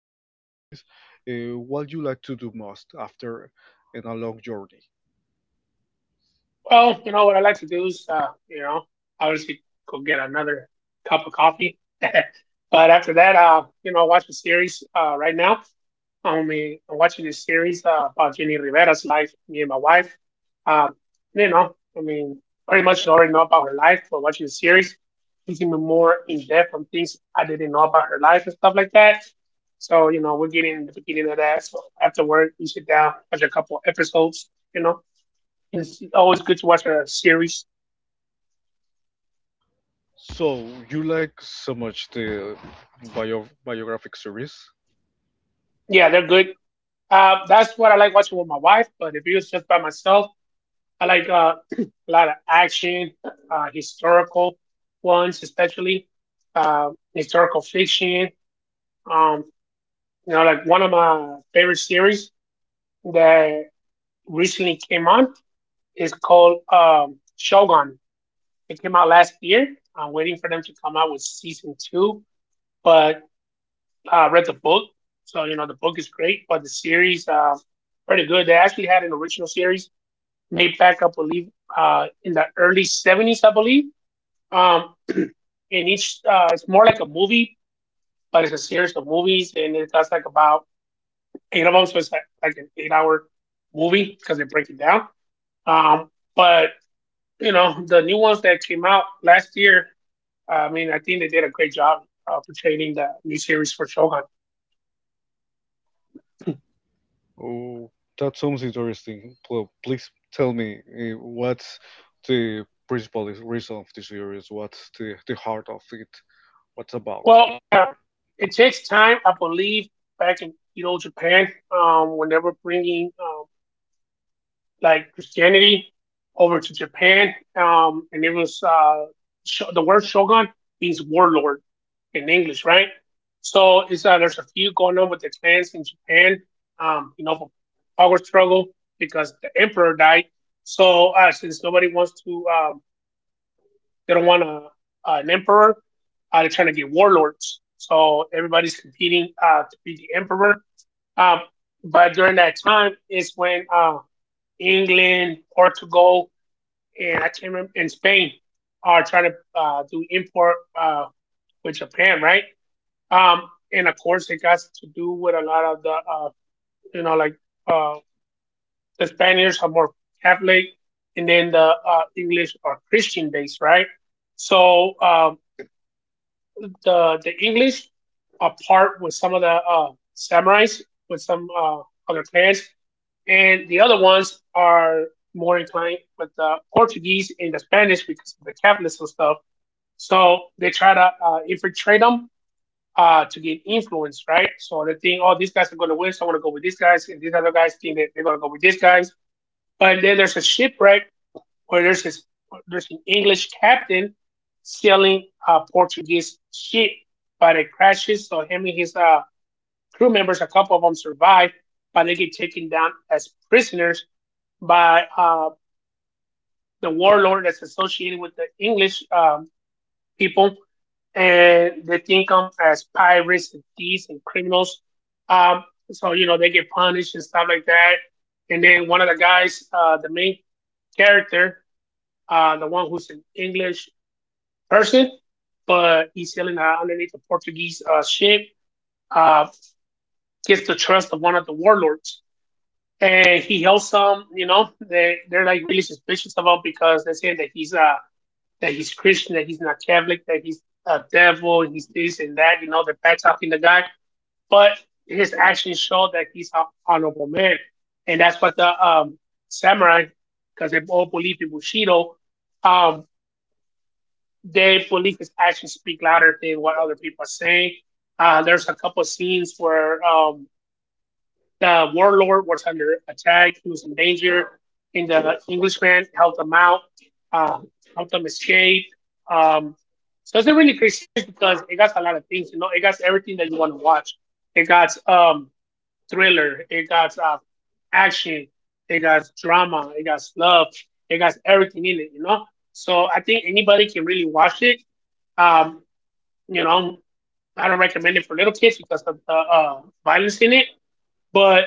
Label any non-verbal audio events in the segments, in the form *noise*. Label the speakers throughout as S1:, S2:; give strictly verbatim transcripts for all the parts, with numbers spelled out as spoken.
S1: everything like this, uh, what you like to do most after in a long journey?
S2: Well, you know what I like to do is, uh, you know, obviously go get another cup of coffee. *laughs* But after that, uh, you know, watch a series uh, right now. I'm uh, watching this series uh, about Jenny Rivera's life, me and my wife. Um, you know, I mean, pretty much already know about her life, but watching the series gives me more in depth on things I didn't know about her life and stuff like that. So, you know, we're getting the beginning of that. So after work, we sit down, watch a couple episodes, you know. It's always good to watch a series.
S1: So you like so much the bio biographic series?
S2: Yeah, they're good. Uh, that's what I like watching with my wife. But if it was just by myself, I like uh, *clears throat* a lot of action, uh, historical ones, especially uh, historical fiction. Um, you know, like one of my favorite series that recently came on is called um, Shogun. It came out last year. I'm waiting for them to come out with season two, but uh, read the book, so you know the book is great, but the series uh, pretty good. They actually had an original series made back, I believe, uh, in the early seventies, I believe. Um, *clears throat* and each uh, it's more like a movie, but it's a series of movies, and it does like about eight of them, so it's like, like an eight-hour movie because they break it down. Um, but you know the new ones that came out last year. I mean, I think they did a great job uh, portraying the new series for Shogun.
S1: Oh, that sounds interesting. Pl- Please tell me uh, what's the principal is- reason of the series? What's the, the heart of it? What's about?
S2: Well, uh, it takes time, I believe, back in you know Japan, um, when they were bringing um, like Christianity over to Japan, um, and it was uh, sho the word shogun means warlord in English, right? So it's uh, there's a few going on with the clans in Japan, um, you know, for power struggle because the emperor died. So uh, since nobody wants to uh, they don't want a, an emperor. Uh, they're trying to get warlords. So everybody's competing uh, to be the emperor. Um, but during that time is when uh, England, Portugal, and I can't remember, and Spain are trying to uh, do import uh, with Japan, right? Um, and of course, it got to do with a lot of the, uh, you know, like uh, the Spaniards are more Catholic, and then the uh, English are Christian based, right? So um, the the English apart with some of the uh, samurais with some uh, other clans, and the other ones are more inclined with the Portuguese and the Spanish because of the Catholics and stuff. So they try to uh, infiltrate them uh, to get influence, right? So they think, oh, these guys are going to win, so I'm going to go with these guys, and these other guys think that they're going to go with these guys. But then there's a shipwreck where there's this, there's an English captain stealing a Portuguese ship, but it crashes. So him and his uh, crew members, a couple of them survive, but they get taken down as prisoners by uh, the warlord that's associated with the English um, people, and they think them as pirates and thieves and criminals. Um, so you know they get punished and stuff like that. And then one of the guys, uh, the main character, uh, the one who's an English person, but he's sailing uh, underneath a Portuguese uh, ship. Uh, Gets the trust of one of the warlords, and he helps them. You know, they they're like really suspicious about because they're saying that he's uh that he's Christian, that he's not Catholic, that he's a devil, and he's this and that. You know, they're back talking the guy, but his actions show that he's an honorable man, and that's what the um samurai, because they all believe in Bushido, um they believe his actions speak louder than what other people are saying. Uh, there's a couple of scenes where um, the warlord was under attack. He was in danger, and the Englishman helped him out, uh, helped him escape. Um, so it's a really great series because it got a lot of things. You know, it got everything that you want to watch. It got um, thriller. It got uh, action. It got drama. It got love. It got everything in it. You know, so I think anybody can really watch it, um, you know, I don't recommend it for little kids because of the uh, violence in it. But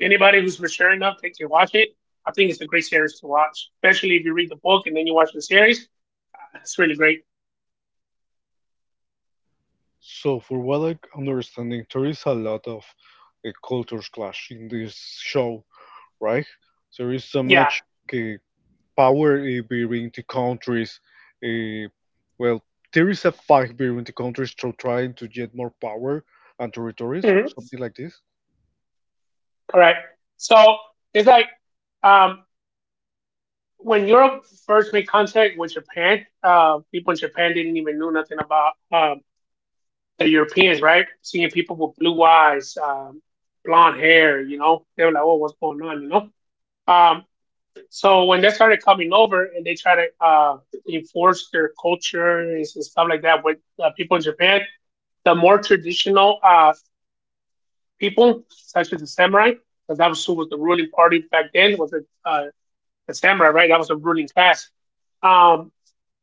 S2: anybody who's mature enough that can watch it, I think it's a great series to watch, especially if you read the book and then you watch the series. It's really great.
S1: So, for what I am understanding, there is a lot of uh, cultures clash in this show, right? There is so
S2: Yeah.
S1: much uh, power uh, between the countries. Uh, well, there is a fight between the countries to trying to get more power and territories,
S2: Mhm.
S1: something like this.
S2: Correct. So it's like, um, when Europe first made contact with Japan, uh, people in Japan didn't even know nothing about um, the Europeans, right? Seeing people with blue eyes, um, blonde hair, you know, they were like, "Oh, what's going on?" You know. Um, So when they started coming over and they try to uh, enforce their culture and stuff like that with uh, people in Japan, the more traditional uh, people, such as the samurai, because that was who was the ruling party back then, was the, uh, the samurai, right? That was the ruling class. Um,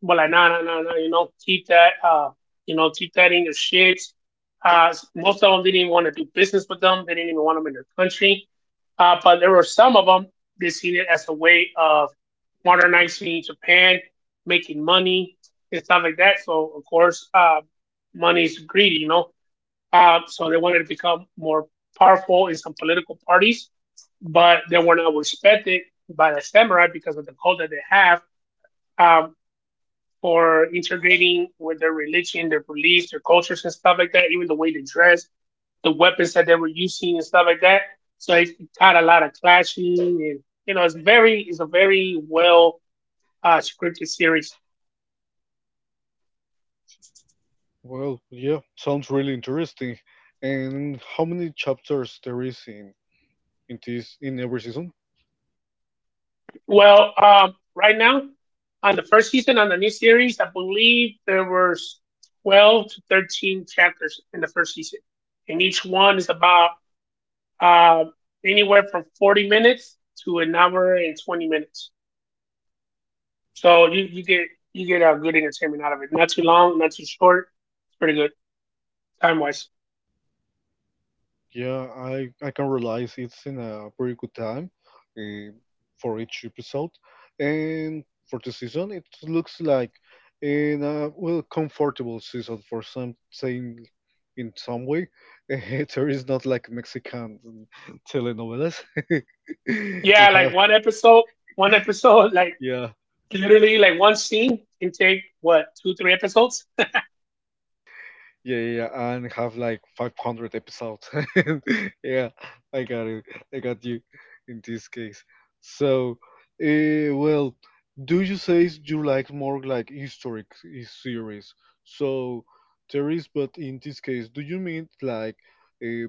S2: but like, nah, nah, nah, nah, you know, keep that, uh, you know, keep that in your shit. Uh, most of them didn't even want to do business with them. They didn't even want them in their country. Uh, but there were some of them that seen it as a way of modernizing Japan, making money and stuff like that. So of course, uh, money is greedy, you know. Uh, so they wanted to become more powerful in some political parties, but they were not respected by the samurai because of the code that they have. Um, for integrating with their religion, their beliefs, their cultures, and stuff like that. Even the way they dress, the weapons that they were using, and stuff like that. So it's had a lot of clashing, and you know, it's very, it's a very well uh, scripted series.
S1: Well, yeah, sounds really interesting. And how many chapters there is in in this in every season?
S2: Well, um, right now on the first season on the new series, I believe there were twelve to thirteen chapters in the first season, and each one is about uh, anywhere from forty minutes to an hour and twenty minutes. So you, you get you get a good entertainment out of it. Not too long, not too short. It's pretty good time wise.
S1: Yeah, I, I can realize it's in a pretty good time uh, for each episode. And for the season, it looks like in a well comfortable season for some saying in some way. *laughs* there is not like Mexican telenovelas. *laughs* who
S2: Yeah,
S1: have
S2: like one episode, one episode, *laughs* like
S1: yeah.
S2: literally like one scene can take what two three episodes.
S1: Yeah, yeah, yeah, and have like five hundred episodes. *laughs* yeah, I got it. I got you in this case. So, uh, well, do you say you like more like historic i- series? So, there is, but in this case, do you mean like uh,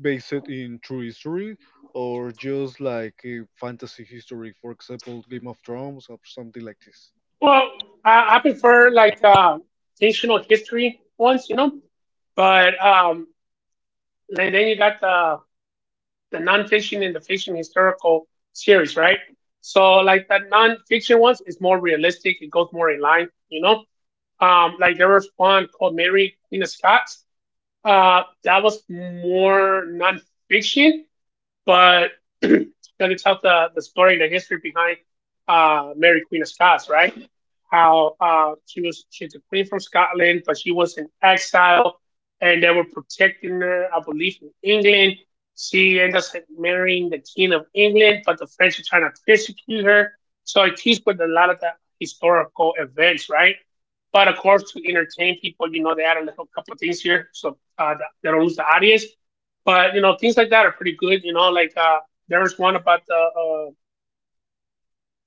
S1: based in true history or just like uh, fantasy history, for example, Game of Thrones or something like this?
S2: Well, I, I prefer like uh, fictional history ones, you know. But um, then then you got the the nonfiction and the fiction historical series, right? So like the nonfiction ones is more realistic. It goes more in line, you know. Um, like there was one called Mary Queen of Scots. Uh, that was more nonfiction, but *clears throat* then it tells the, the story and the history behind uh, Mary Queen of Scots, right? How uh, she was she's a queen from Scotland, but she was in exile, and they were protecting her, I believe, in England. She ended up marrying the king of England, but the French are trying to persecute her. So it keeps with a lot of the historical events, right? But of course, to entertain people, you know, they add a little couple of things here, so uh, they don't lose the audience. But you know, things like that are pretty good. You know, like uh, there was one about the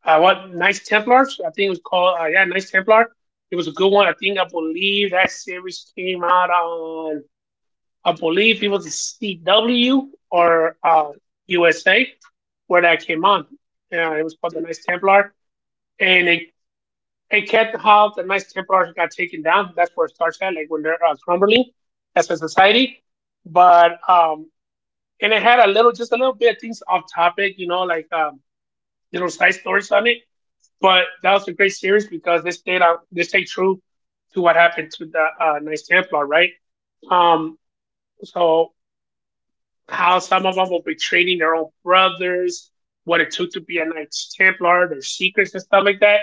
S2: uh, uh, what Knights Templars. I think it was called uh, yeah, Knights Templar. It was a good one. I think I believe that series came out on, I believe it was C W or uh, U S A where that came on. Yeah, it was called the Knights Templar, and it it kept how the Knights Templars got taken down. That's where it starts at, like when they're uh, crumbling as a society. But um, and it had a little, just a little bit of things off topic, you know, like um, little side stories on it. But that was a great series because they stayed on, they stayed true to what happened to the uh, Knights Templar, right? Um, so how some of them will be treating their own brothers, what it took to be a Knights Templar, their secrets and stuff like that.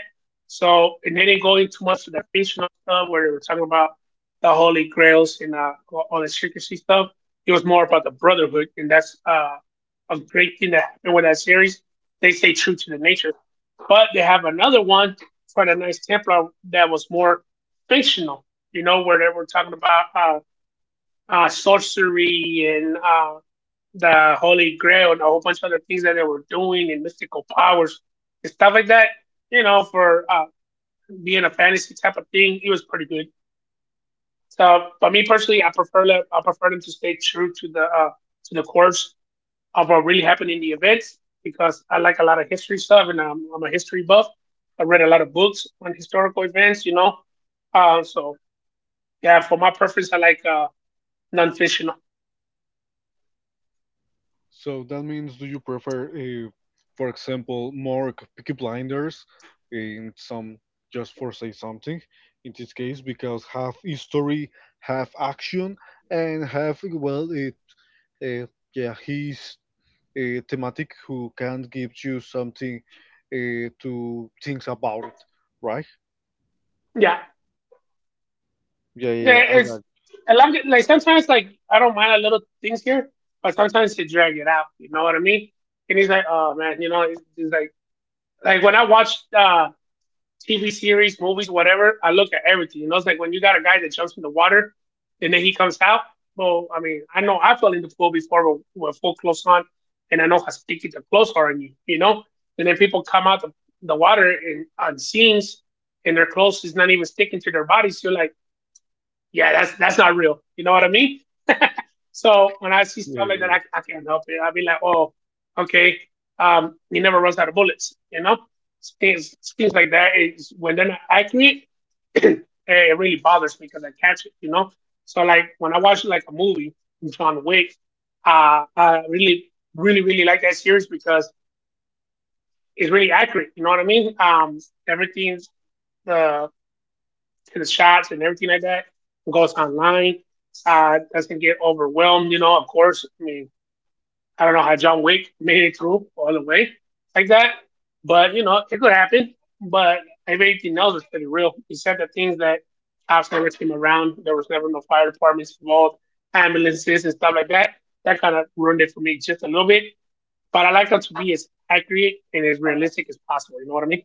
S2: So and they didn't go into much of the fictional stuff where they were talking about the Holy Grails and uh, all the secrecy stuff. It was more about the Brotherhood, and that's uh, a great thing that happened with that series. They stay true to the nature, but they have another one for the Knights Templar that was more fictional, you know, where they were talking about uh, uh, sorcery and uh, the Holy Grail and a whole bunch of other things that they were doing and mystical powers and stuff like that. You know, for uh, being a fantasy type of thing, it was pretty good. So, but me personally, I prefer them. I prefer them to stay true to the uh, to the course of what really happened in the events because I like a lot of history stuff and I'm, I'm a history buff. I read a lot of books on historical events. You know, uh, so yeah, for my preference, I like uh, nonfiction.
S1: So that means, do you prefer, uh, for example, more c- Peaky Blinders in some, just for say something, in this case, because half history, half action, and half, well, it, uh, yeah, he's uh, thematic who can give you something uh, to think about it, right?
S2: Yeah.
S1: Yeah, yeah,
S2: Yeah,
S1: yeah, I got
S2: it's
S1: it.
S2: I love it. Like sometimes, like I don't mind the little things here, but sometimes they drag it out. You know what I mean? And he's like, oh man, you know, it's, it's like like when I watch uh, T V series, movies, whatever, I look at everything. You know, it's like when you got a guy that jumps in the water, and then he comes out. Well, I mean, I know I fell in the pool before with, with full clothes on, and I know how sticky the clothes are on you. You know, and then people come out the, the water and on scenes, and their clothes is not even sticking to their bodies. You're like yeah, that's that's not real. You know what I mean? So when I see
S1: Yeah,
S2: stuff like
S1: yeah,
S2: that,
S1: yeah.
S2: I, I can't help it. I'll be like, oh, okay, um, he never runs out of bullets. You know, things things like that is when they're not accurate, *clears throat* it really bothers me because I catch it. You know, so like when I watch like a movie, John Wick, uh, I really really really like that series because it's really accurate. You know what I mean? Um, everything's uh, to the shots and everything like that and goes online, uh, that's gonna get overwhelmed. You know, of course. I mean, I don't know how John Wick made it through all the way like that, but you know, it could happen. But if anything else, is pretty real. Except the things that cops never came around, there was never no fire departments involved, ambulances and stuff like that. That kind of ruined it for me just a little bit. But I like them to be as accurate and as realistic as possible. You know what I mean?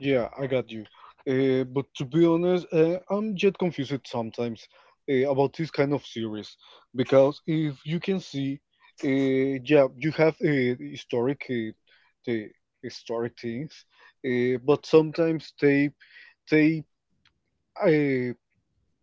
S1: Yeah, I got you. Uh, but to be honest, uh, I'm yet confused sometimes uh, about this kind of series because if you can see, uh, yeah, you have uh, historic uh, the historic things, uh, but sometimes they they uh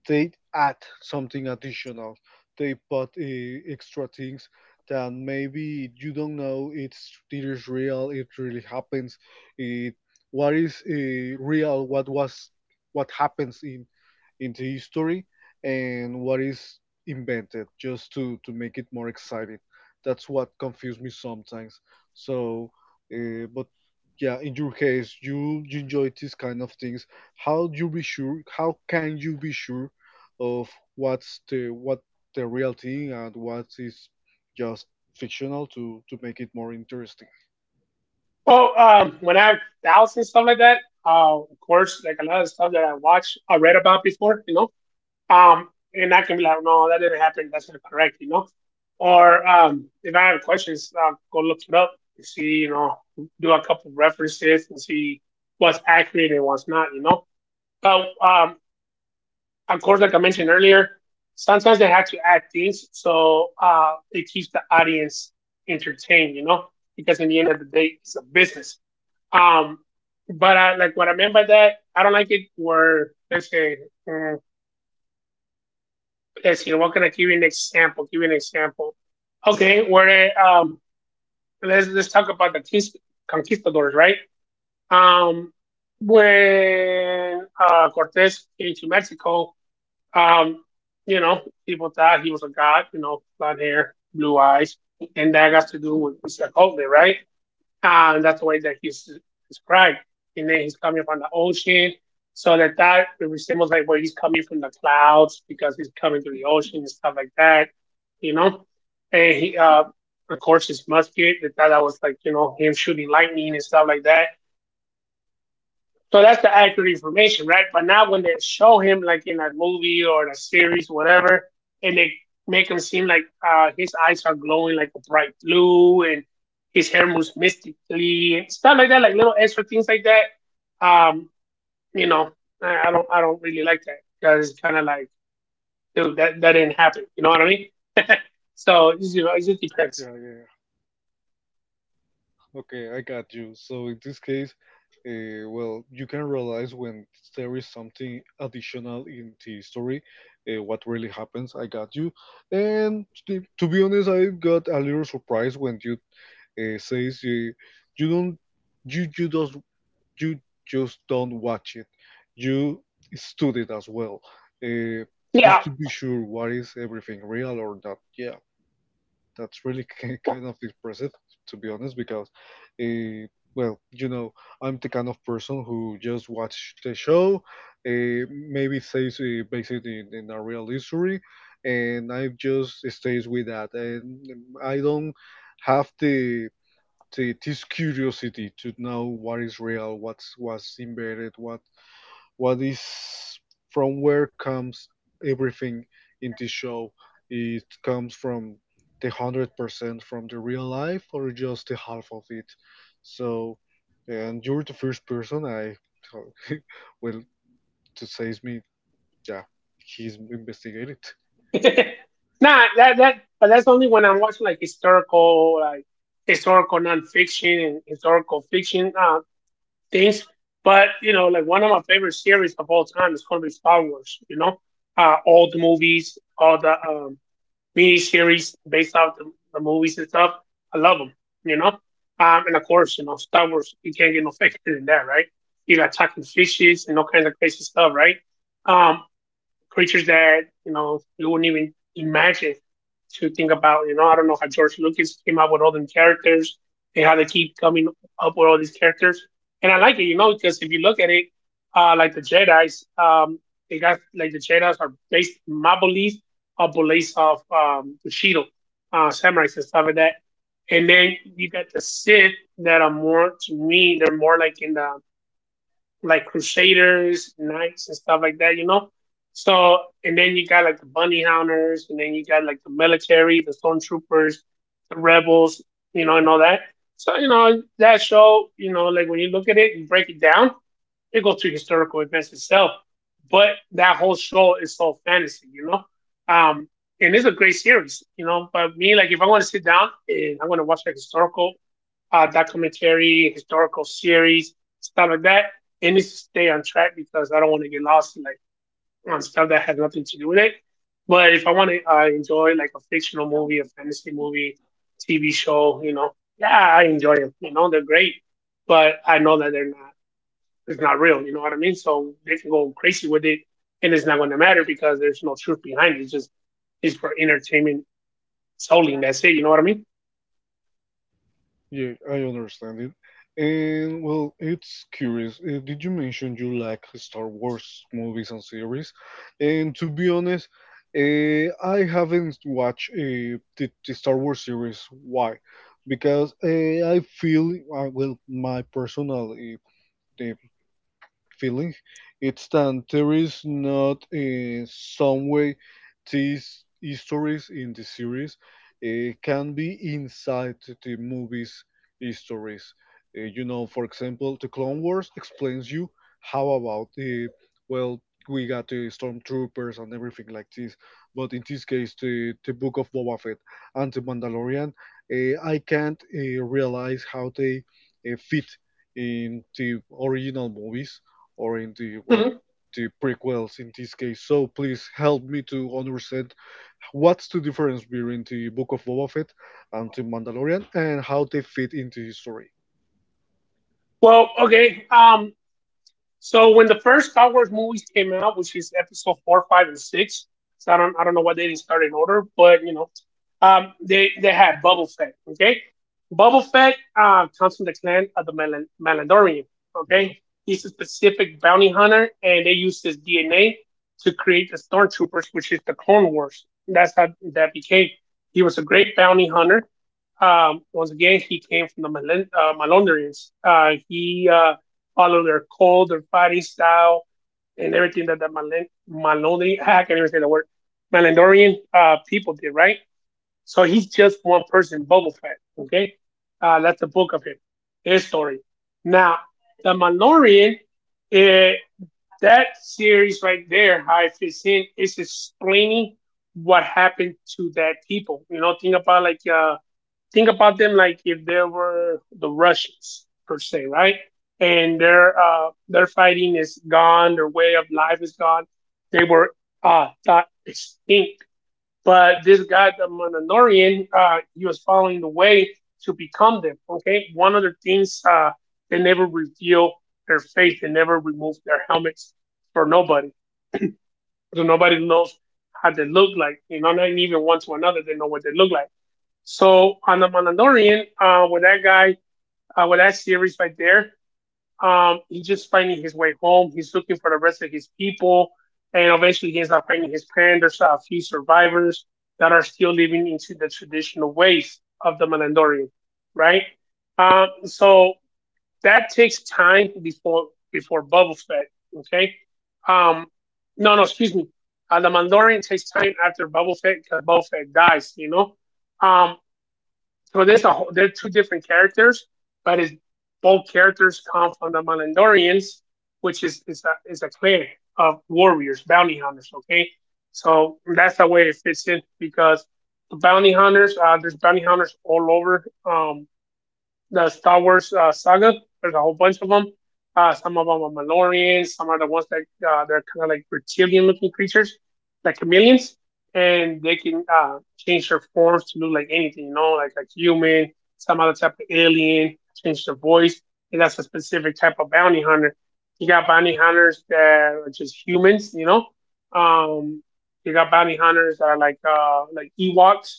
S1: they add something additional. They put uh, extra things that maybe you don't know. It's it is real. It really happens. It what is uh, real? What was what happens in in the history and what is invented just to to make it more exciting. That's what confused me sometimes. So, uh, but yeah, in your case, you you enjoy these kind of things. How you be sure how can you be sure of what's the what the real thing and what is just fictional to to make it more interesting.
S2: Well, um, when I have doubts and stuff like that, uh, of course, like a lot of stuff that I watch, I read about before, you know, um, and I can be like, no, that didn't happen. That's not correct, you know. Or um, if I have questions, I'll go look it up and see, you know, do a couple of references and see what's accurate and what's not, you know. But um, of course, like I mentioned earlier, sometimes they have to add things so uh, it keeps the audience entertained, you know, because in the end of the day, it's a business. um, but I, like what I meant by that, I don't like it where let's say, mm, let's see, what can I give you an example? Give you an example. Okay, where um, let's let's talk about the conquistadors, right? Um, when uh, Cortes came to Mexico, um, you know, people thought he was a god, you know, blonde hair, blue eyes, and that got to do with Isla Cote, right? Ah, and that's the way that he's described. And then he's coming from the ocean, so that that resembles like where he's coming from the clouds because he's coming through the ocean and stuff like that, you know. And he, uh, of course, his musket that that was like you know him shooting lightning and stuff like that so that's the accurate information, right? But now when they show him like in a movie or a series, whatever, and they make him seem like uh, his eyes are glowing like a bright blue and his hair moves mystically and stuff like that, like little extra things like that. Um, you know, I, I don't I don't really like that because it's kind of like dude that that didn't happen. You know what I mean? *laughs* so you know, it just depends.
S1: Yeah, yeah, yeah. Okay, I got you. So in this case, uh, well, you can realize when there is something additional in the story, uh, what really happens. I got you. And to, to be honest, I got a little surprised when you uh, says you you don't you you just you just don't watch it. You study it as well, uh,
S2: Yeah,
S1: just to be sure what is everything real or not. Yeah, that's really *laughs* ki- kind of impressive, to be honest, because, uh, well, you know, I'm the kind of person who just watch the show, uh, maybe says uh, based in, in a real history, and I just stays with that, and I don't have the the, this curiosity to know what is real, what's what's embedded, what what is from where comes everything in this show. It comes from the hundred percent from the real life or just the half of it. So, and you're the first person I *laughs* well to says me. Yeah, he's investigated.
S2: *laughs* nah, that that but that's only when I'm watching like historical, like historical nonfiction and historical fiction uh, things. But you know, like one of my favorite series of all time is going to be Star Wars. You know, uh, all the movies, all the um, mini series based off the, the movies and stuff. I love them. You know, um, and of course, you know, Star Wars. You can't get no faker than that, right? You got talking fishes and all kinds of crazy stuff, right? Um, creatures that you know you wouldn't even imagine to think about. You know, I don't know how George Lucas came up with all them characters and how they keep coming up with all these characters. And I like it, you know, because if you look at it, uh, like the Jedi's, um, they got like the Jedi's are based my belief are beliefs of um, Bushido, uh, samurais and stuff like that. And then you got the Sith that are more to me, they're more like in the like Crusaders, Knights, and stuff like that, you know? So, and then you got like the Bunny hunters, and then you got like the military, the Stormtroopers, the Rebels, you know, and all that. So, you know, that show, you know, like when you look at it, you break it down, it goes to historical events itself. But that whole show is so fantasy, you know? Um, and it's a great series, you know. But me, like, if I want to sit down and I want to watch like historical uh, documentary, historical series, stuff like that. It needs to stay on track because I don't want to get lost in like on stuff that has nothing to do with it. But if I want to uh, enjoy like a fictional movie, a fantasy movie, T V show, you know, yeah, I enjoy them. You know, they're great, but I know that they're not. It's not real. You know what I mean? So they can go crazy with it, and it's not going to matter because there's no truth behind it. It's just it's for entertainment solely. And that's it. You know what I mean?
S1: Yeah, I understand it. And well, it's curious. Uh, did you mention you like Star Wars movies and series? And to be honest, uh, I haven't watched uh, the, the Star Wars series. Why? Because uh, I feel, uh, well, my personal uh, the feeling it's that there is not in some way these histories in the series uh, can be inside the movies histories. Uh, you know, for example, the Clone Wars explains you how about the, well, we got the stormtroopers and everything like this, but in this case the, the Book of Boba Fett and the Mandalorian, uh, I can't uh, realize how they uh, fit in the original movies or in the, well,
S2: Mm-hmm.
S1: the prequels in this case. So please help me to understand what's the difference between the Book of Boba Fett and the Mandalorian and how they fit into history.
S2: Well, okay. Um, so when the first Star Wars movies came out, which is episode four, five, and six, so I don't I don't know why they didn't start in order, but you know, um, they they had Boba Fett, okay, Boba Fett uh, comes from the clan of the Malan- Malandorian,
S1: Yeah.
S2: okay. He's a specific bounty hunter, and they used his D N A to create the Stormtroopers, which is the Clone Wars. That's how that became. He was a great bounty hunter. Um, once again, he came from the Malan- uh, Malandorians. Uh, he uh, all of their cold, their fighting style, and everything that the Malen- Maloney I can't even say the word, Malandorian uh, people did, right? So he's just one person, Boba Fett, okay? Uh, that's the book of him, his story. Now, the Mandalorian, eh, that series right there, how it fits in, is explaining what happened to that people. You know, think about like uh, think about them like if they were the Russians per se, right? And their uh, their fighting is gone, their way of life is gone. They were uh, thought extinct, but this guy, the Mandalorian, uh, he was following the way to become them. Okay, one of the things uh, they never reveal their face, they never remove their helmets for nobody, so nobody knows how they look like. You know, not even one to another, they know what they look like so on the Mandalorian, uh, with that guy, uh, with that series right there, um, he's just finding his way home. He's looking for the rest of his people, and eventually he ends up finding his parents. There's a few survivors that are still living into the traditional ways of the Mandalorian, right? Um, so that takes time before before Boba Fett, okay? Um, no, no, excuse me. Uh, the Mandalorian takes time after Boba Fett because Boba Fett dies, you know. Um, so there's a whole, there are two different characters, but it's, both characters come from the Mandalorians, which is is a is a clan of warriors, bounty hunters. Okay, so that's the way it fits in because the bounty hunters, uh, there's bounty hunters all over um, the Star Wars uh, saga. There's a whole bunch of them. Uh, some of them are Mandalorians. Some are the ones that uh, they're kind of like reptilian-looking creatures, like chameleons, and they can uh, change their forms to look like anything. You know, like a human, some other type of alien, change their voice, and that's a specific type of bounty hunter. You got bounty hunters that are just humans. You know, um, you got bounty hunters that are like uh, like Ewoks.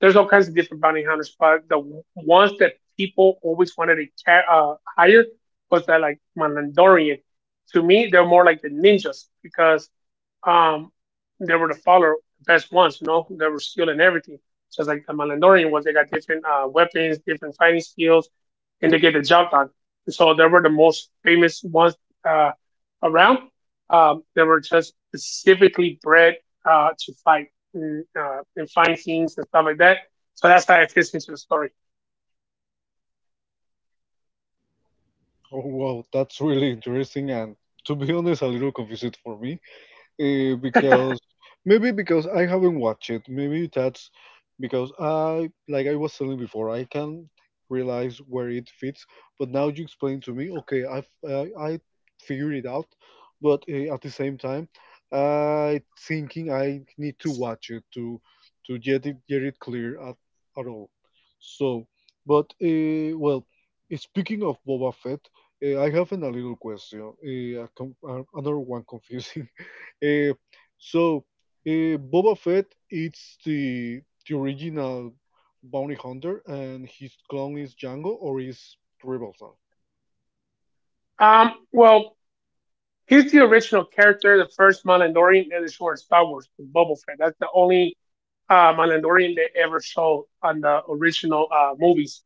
S2: There's all kinds of different bounty hunters, but the ones that people always wanted to ca- uh, hire was that like Mandalorian. To me, they're more like the ninjas because um, they were the follower, best ones. You know, they were skilled in everything. Just like the Mandalorian was, they got different uh, weapons, different fighting skills, and they get the job done. So they were the most famous ones uh, around. Um, they were just specifically bred uh, to fight and, uh, and find things and stuff like that. So that's how it fits into the story.
S1: Oh wow, that's really interesting and, to be honest, a little confused for me uh, because maybe because I haven't watched it. Maybe that's because I, like I was telling before, I can realize where it fits. But now you explain to me, okay, i uh, I figured it out. But uh, at the same time, I thinking I need to watch it to to get it, get it clear at, at all. So, but uh, well, eh, speaking of Boba Fett, uh, I have an, a little question. Uh, a com- uh, another one *laughs* confusing. Uh, so uh, Boba Fett it's the the original bounty hunter, and his clone is Django or is Rebel Son.
S2: Um, well, He's the original character, the first Mandalorian in the short Star Wars, Boba Fett. That's the only uh, Mandalorian they ever showed on the original uh, movies,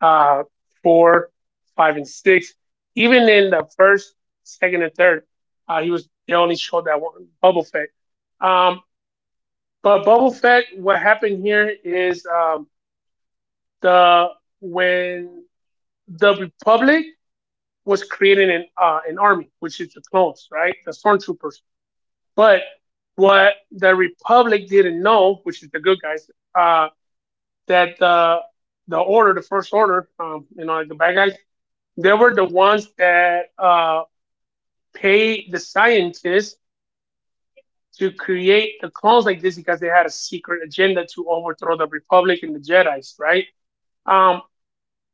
S2: uh, four, five, and six. Even in the first, second, and third, uh, he was they only showed that one Boba Fett. Um, but Boba Fett, what happened here is um, the when the Republic was creating an uh, an army, which is the clones, right? The stormtroopers. But what the Republic didn't know, which is the good guys, uh, that the the order, the first order, um, you know, like the bad guys, they were the ones that uh, paid the scientists to create the clones like this because they had a secret agenda to overthrow the Republic and the Jedi's, right? Um,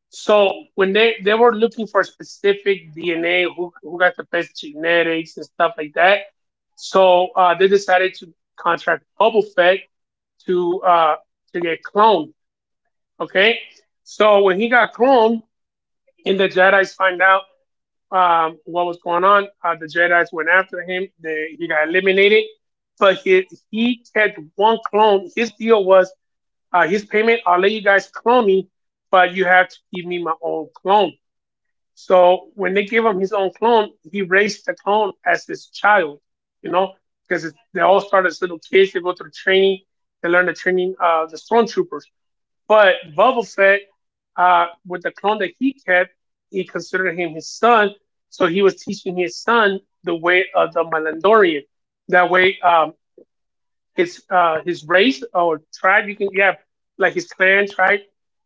S2: so when they they were looking for specific D N A, who who got the best genetics and stuff like that, so uh, they decided to contract Boba Fett to uh, to get cloned. Okay, so when he got cloned, and the Jedi's find out um, what was going on, uh, the Jedi's went after him. They, he got eliminated, but he he kept one clone. His deal was uh, his payment. I'll let you guys clone me, but you have to give me my own clone. So when they gave him his own clone, he raised the clone as his child. You know, because they all start as little kids. They go through training. They learn the training of uh, the stormtroopers. But Boba Fett, uh, with the clone that he kept, he considered him his son, so he was teaching his son the way of the Mandalorian. That way, um, his uh, his race or tribe, you can yeah, like his clan tribe,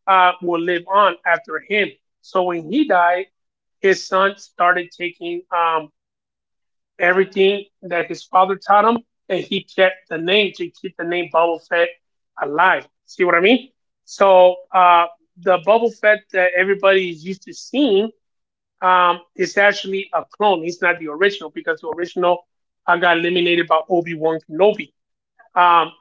S2: uh, will live on after him. So when he died, his son started taking um, everything that his father taught him, and he kept the name to keep the name Boba Fett alive. See what I mean? So uh, the
S1: Yeah.
S2: Boba Fett that everybody is used to seeing um, is actually a clone. He's not the original because the original uh, got eliminated by Obi Wan Kenobi. Um,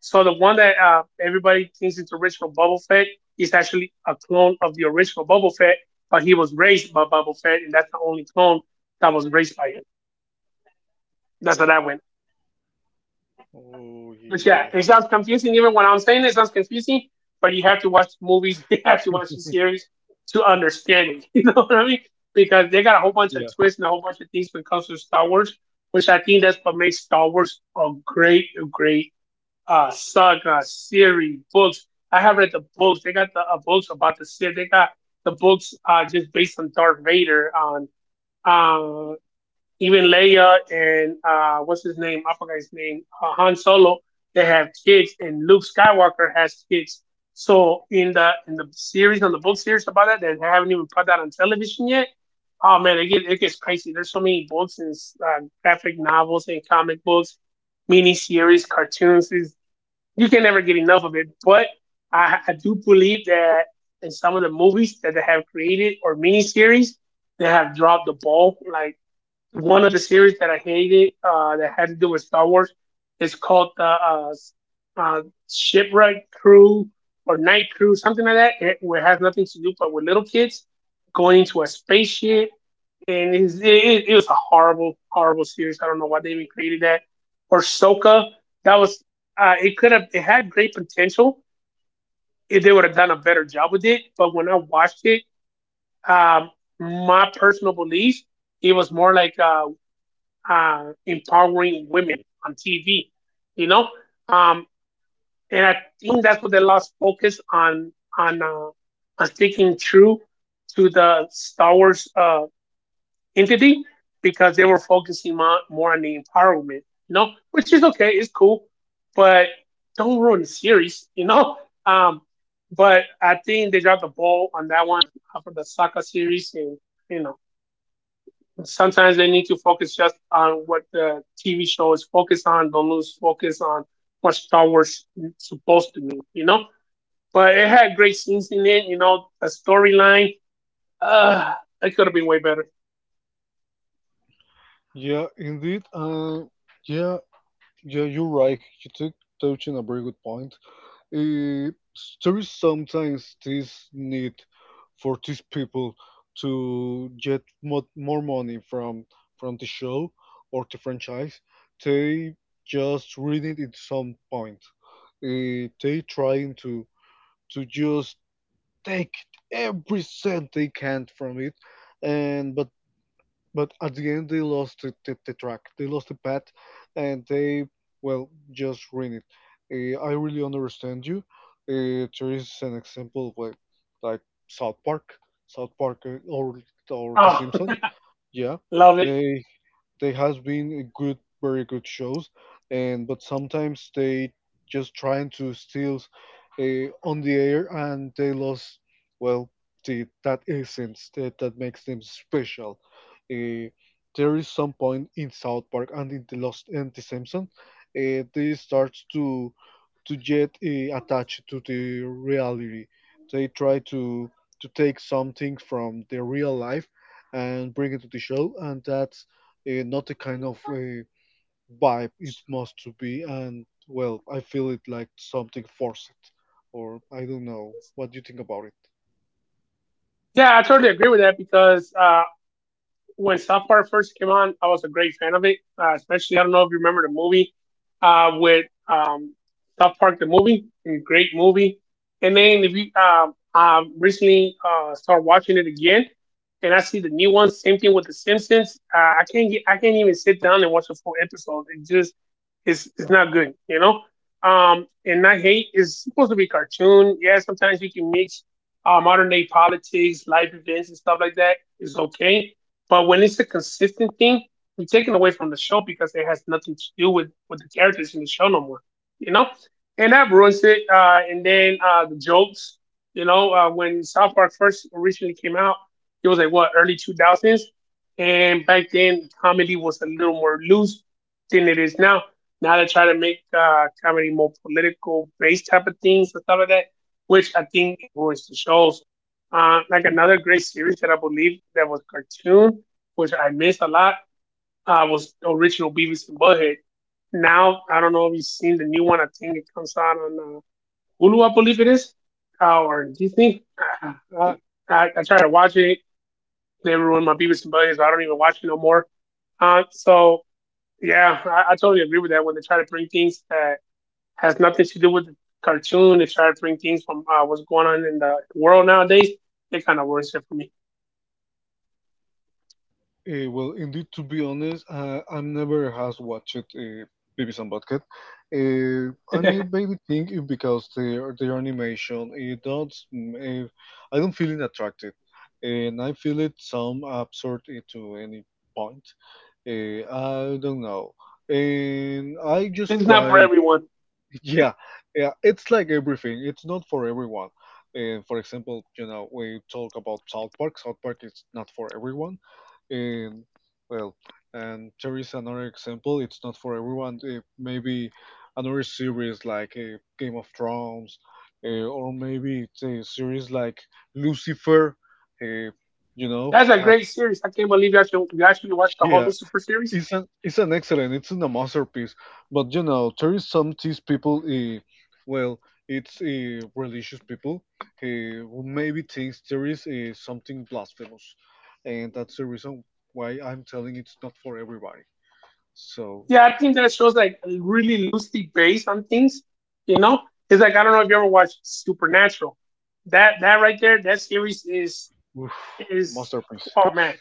S2: so the one that uh, everybody thinks is the original Boba Fett is actually a clone of the original Boba Fett, but he was raised by Boba Fett, and that's the only clone that was raised by him. That's how that went.
S1: Oh yeah,
S2: But yeah,
S1: yeah,
S2: it sounds confusing. Even when I'm saying it, it sounds confusing. But you have to watch movies. *laughs* You have to watch the series to understand it. *laughs* You know what I mean? Because they got a whole bunch of
S1: yeah,
S2: twists and a whole bunch of things when it comes to Star Wars, which I think that's what makes Star Wars a great, a great uh, saga, series, books. I have read the books. They got the uh, books about the Sith. They got the books uh, just based on Darth Vader, on uh. Even Leia and uh, what's his name? I forgot his name. Uh, Han Solo. They have kids, and Luke Skywalker has kids. So in the in the series, on the book series about that, they haven't even put that on television yet. Oh man, it gets it gets crazy. There's so many books and uh, graphic novels and comic books, mini series, cartoons. It's- You can never get enough of it. But I, I do believe that in some of the movies that they have created or miniseries, they have dropped the ball. Like one of the series that I hated uh, that had to do with Star Wars is called the uh, uh, Shipwreck Crew or Night Crew, something like that. It, it has nothing to do but with little kids going into a spaceship, and it, is- it, it was a horrible, horrible series. I don't know why they even created that. Or Soka, that was uh, it could have it had great potential if they would have done a better job with it. But when I watched it, um, my personal belief it was more like uh, uh, empowering women on T V, you know. Um, and I think that's what they lost focus on on uh, on sticking true to the Star Wars uh, entity because they were focusing more more on the empowerment, you know, which is okay, it's cool, but don't ruin the series, you know. *laughs* Um, but I think they dropped the ball on that one uh, for the Sokka series, and you know. Sometimes they need to focus just on what the T V show is focused on. Don't lose focus on what Star Wars is supposed to mean, you know? But it had great scenes in it, you know, a storyline. Uh, it could have been way better.
S1: yeah. Indeed. Uh, yeah, yeah. You're right. You took touching a very good point. Uh, there is sometimes this need for these people to get mo- more money from from the show or the franchise. They just read it at some point. Uh, they trying to to just take every cent they can from it, and but but at the end, they lost the, the, the track. They lost the path, and they, well, just ruined it. Uh, I really understand you. Uh, there is an example of, like, like South Park, South Park, uh, or or The
S2: Oh,
S1: Simpsons. Yeah,
S2: *laughs* love it.
S1: they they has been a good, very good shows, and but sometimes they just trying to steal uh, on the air and they lost. Well, the, that essence that, that makes them special. Uh, there is some point in South Park and in the Lost and the Simpsons, uh, they start to to get uh, attached to the reality. They try to to take something from the real life and bring it to the show, and that uh, not the kind of uh, vibe it must to be, and, well, I feel it like something forced, or I don't know what do you think about it.
S2: Yeah, I totally agree with that because uh, when South Park first came on, I was a great fan of it. Uh, especially, I don't know if you remember the movie uh, with um, South Park, the movie, great movie. And then if you um, I recently uh, started watching it again, and I see the new ones. Same thing with the Simpsons. Uh, I can't get, I can't even sit down and watch a full episode. It just it's it's not good, you know. Um, and I hate it's supposed to be a cartoon. Yeah, sometimes you can mix uh, modern day politics, life events, and stuff like that. It's okay. But when it's a consistent thing, you're taken away from the show because it has nothing to do with, with the characters in the show no more, you know? And that ruins it. Uh, and then uh, the jokes, you know, uh, when South Park first originally came out, it was like, what, early two thousands? And back then, comedy was a little more loose than it is now. Now they try to make uh, comedy more political based type of things and stuff like that, which I think ruins the shows. Uh, like another great series that I believe that was cartoon, which I missed a lot, uh, was the original Beavis and Butthead. Now I don't know if you've seen the new one. I think it comes out on uh, Hulu, I believe it is, uh, or Disney. Uh, uh, I, I tried to watch it. They ruined my Beavis and Butthead, so I don't even watch it no more. Uh, so yeah, I, I totally agree with that. When they try to bring things that has nothing to do with the cartoon, they try to bring things from uh, what's going on in the world nowadays. They kind of worse it for me.
S1: Uh, well indeed, to be honest, uh, I never has watched uh, Beavis and Butthead. uh, I mean,
S2: *laughs*
S1: maybe think it because their their animation it don't, uh, I don't feel it attractive, and I feel it some absurd uh, to any point. uh, I don't know. And I just
S2: This is not for
S1: try.
S2: everyone.
S1: Yeah, yeah, it's like everything. It's not for everyone. Uh, for example, you know, we talk about South Park. South Park is not for everyone. And, well, and there is another example. It's not for everyone. Uh, maybe another series like uh, Game of Thrones, uh, or maybe it's a series like Lucifer. Uh, you know,
S2: That's a
S1: have
S2: great series. I can't believe you actually, you actually watched the whole
S1: yeah,
S2: Lucifer series.
S1: it's an it's an excellent. It's in a masterpiece. But you know, there is some these people. Uh, well, it's uh, religious people, eh, who maybe thinks there is uh, something blasphemous, and that's the reason why I'm telling it's not for everybody. So,
S2: Yeah, I think that shows like really loosely based on things. You know, it's like I don't know if you ever watched Supernatural. That that right there, that series is
S1: oof,
S2: is
S1: masterpiece.
S2: oh man,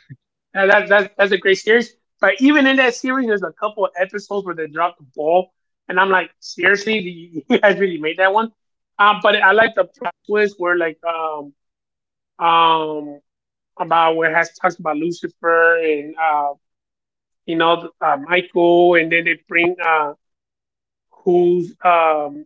S2: that, that, that's that's a great series. But even in that series, there's a couple of episodes where they drop the ball, and I'm like, seriously, you *laughs* guys really made that one. Um, but I like the plot twist where like um um about where it has talks about Lucifer and uh, you know uh, Michael, and then they bring uh, who's um,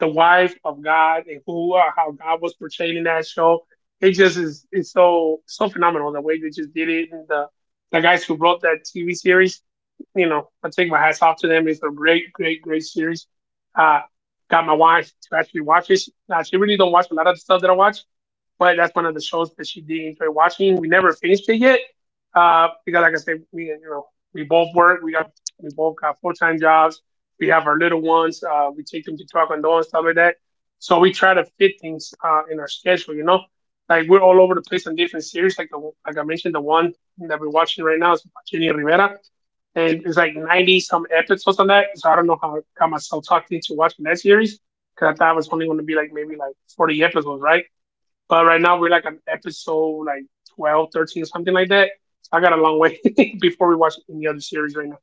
S2: the wife of God and who uh, how God was portrayed in that show. It just is it's so so phenomenal the way they just did it and the the guys who wrote that T V series. You know, I take my hats off to them. It's a great, great, great series. Uh, got my wife to actually watch it. She, now she really don't watch a lot of the stuff that I watch, but that's one of the shows that she did enjoy watching. We never finished it yet uh, because, like I said, we you know we both work. We got we both got full time jobs. We have our little ones. Uh, we take them to taekwondo and stuff like that. So we try to fit things uh, in our schedule. You know, like we're all over the place on different series. Like the, like I mentioned, the one that we're watching right now is Jenny Rivera, and it's like ninety some episodes on that. So I don't know how I got myself talked into watching that series because I thought it was only going to be like maybe like forty episodes, right? But right now we're like on episode like twelve, thirteen, or something like that. So I got a long way *laughs* before we watch any other series right now.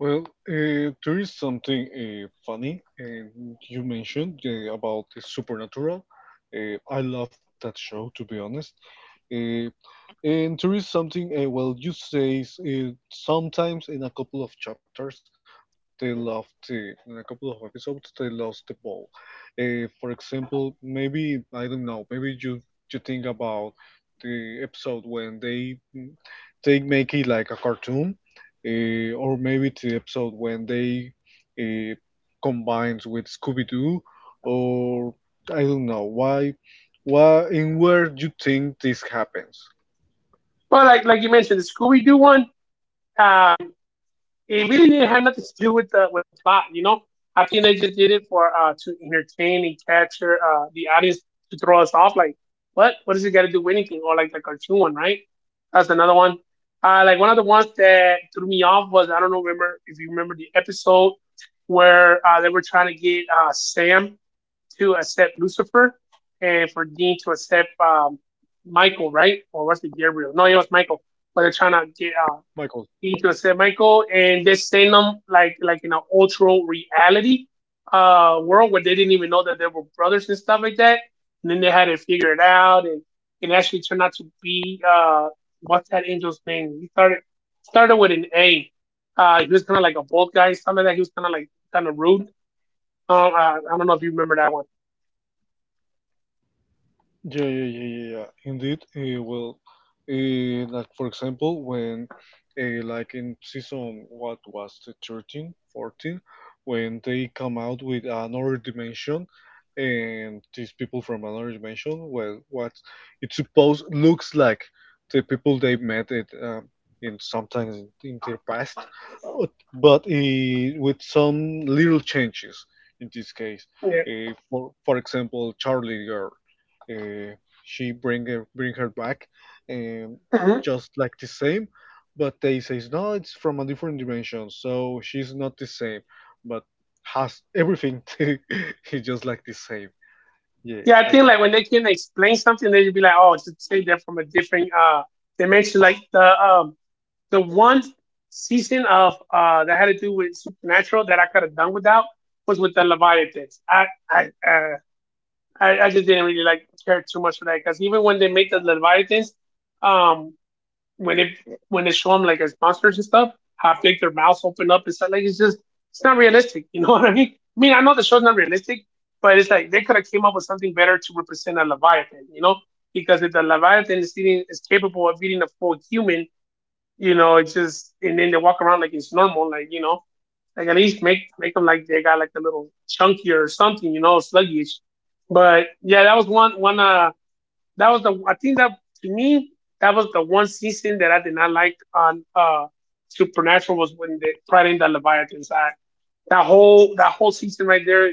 S1: Well, uh, there is something uh, funny uh, you mentioned uh, about the Supernatural. Uh, I love that show, to be honest. Uh, And there is something, uh, well, you say s- uh, sometimes in a couple of chapters they love the, in a couple of episodes they lost the ball. Uh, for example, maybe I don't know, maybe you you think about the episode when they mm, they make it like a cartoon, uh, or maybe the episode when they uh, combines with Scooby Doo, or I don't know why, why and where you think this happens.
S2: But like like you mentioned, the Scooby Doo one, uh, it really didn't have nothing to do with the with the plot, you know. I think they just did it for uh to entertain and capture uh the audience to throw us off. Like, what what does it got to do with anything? Or like the cartoon one, right? That's another one. Uh, like one of the ones that threw me off was I don't know remember if you remember the episode where uh, they were trying to get uh, Sam to accept Lucifer, and for Dean to accept um, Michael, right? Or was it Gabriel? No, it was Michael. But they're trying to get uh,
S1: Michael.
S2: Dean to accept Michael, and they send them like like in an ultra reality uh, world where they didn't even know that they were brothers and stuff like that. And then they had to figure it out, and it actually turned out to be uh, what's that angel's name? He started started with an A. Uh, he was kind of like a bold guy, something like that. He was kind of like kind of rude. Um, uh, I don't know if you remember that one.
S1: Yeah, yeah, yeah, yeah, yeah. Indeed. Uh, well, uh, like for example, when uh, like in season, what was the thirteen, fourteen, when they come out with another dimension, and these people from another dimension, well, what it suppose looks like the people they met it um, in sometimes in, in their past, but but uh, with some little changes in this case.
S2: Yeah.
S1: Uh, for for example, Charlie Girl. uh, she bring her, bring her back um,
S2: Hmm.
S1: just like the same, but they says no, it's from a different dimension, so she's not the same, but has everything *laughs* to, it's just like the same. yeah
S2: Yeah, I
S1: i
S2: think
S1: got
S2: like when they can explain something, they should be like, "Oh, just take that from a different uh dimension." Like the um the one season of uh that had to do with supernatural that I could have done without was with the Leviathans. I I uh, I, I just didn't really like care too much for that, because even when they make the Leviathans, um when it when they show them like as monsters and stuff, half like their mouths open up and stuff. Like it's just it's not realistic. You know *laughs* what I mean? I mean, I know the show's not realistic, but it's like they could have came up with something better to represent a leviathan. You know, because if the leviathan is eating is capable of eating a full human, you know, it's just and then they walk around like it's normal, like you know, like at least make make them like they got like a little chunkier or something, you know, sluggish. But yeah, that was one one uh that was the I think that to me that was the one season that I did not like on uh Supernatural, was when they brought in the Leviathan side. That whole that whole season right there,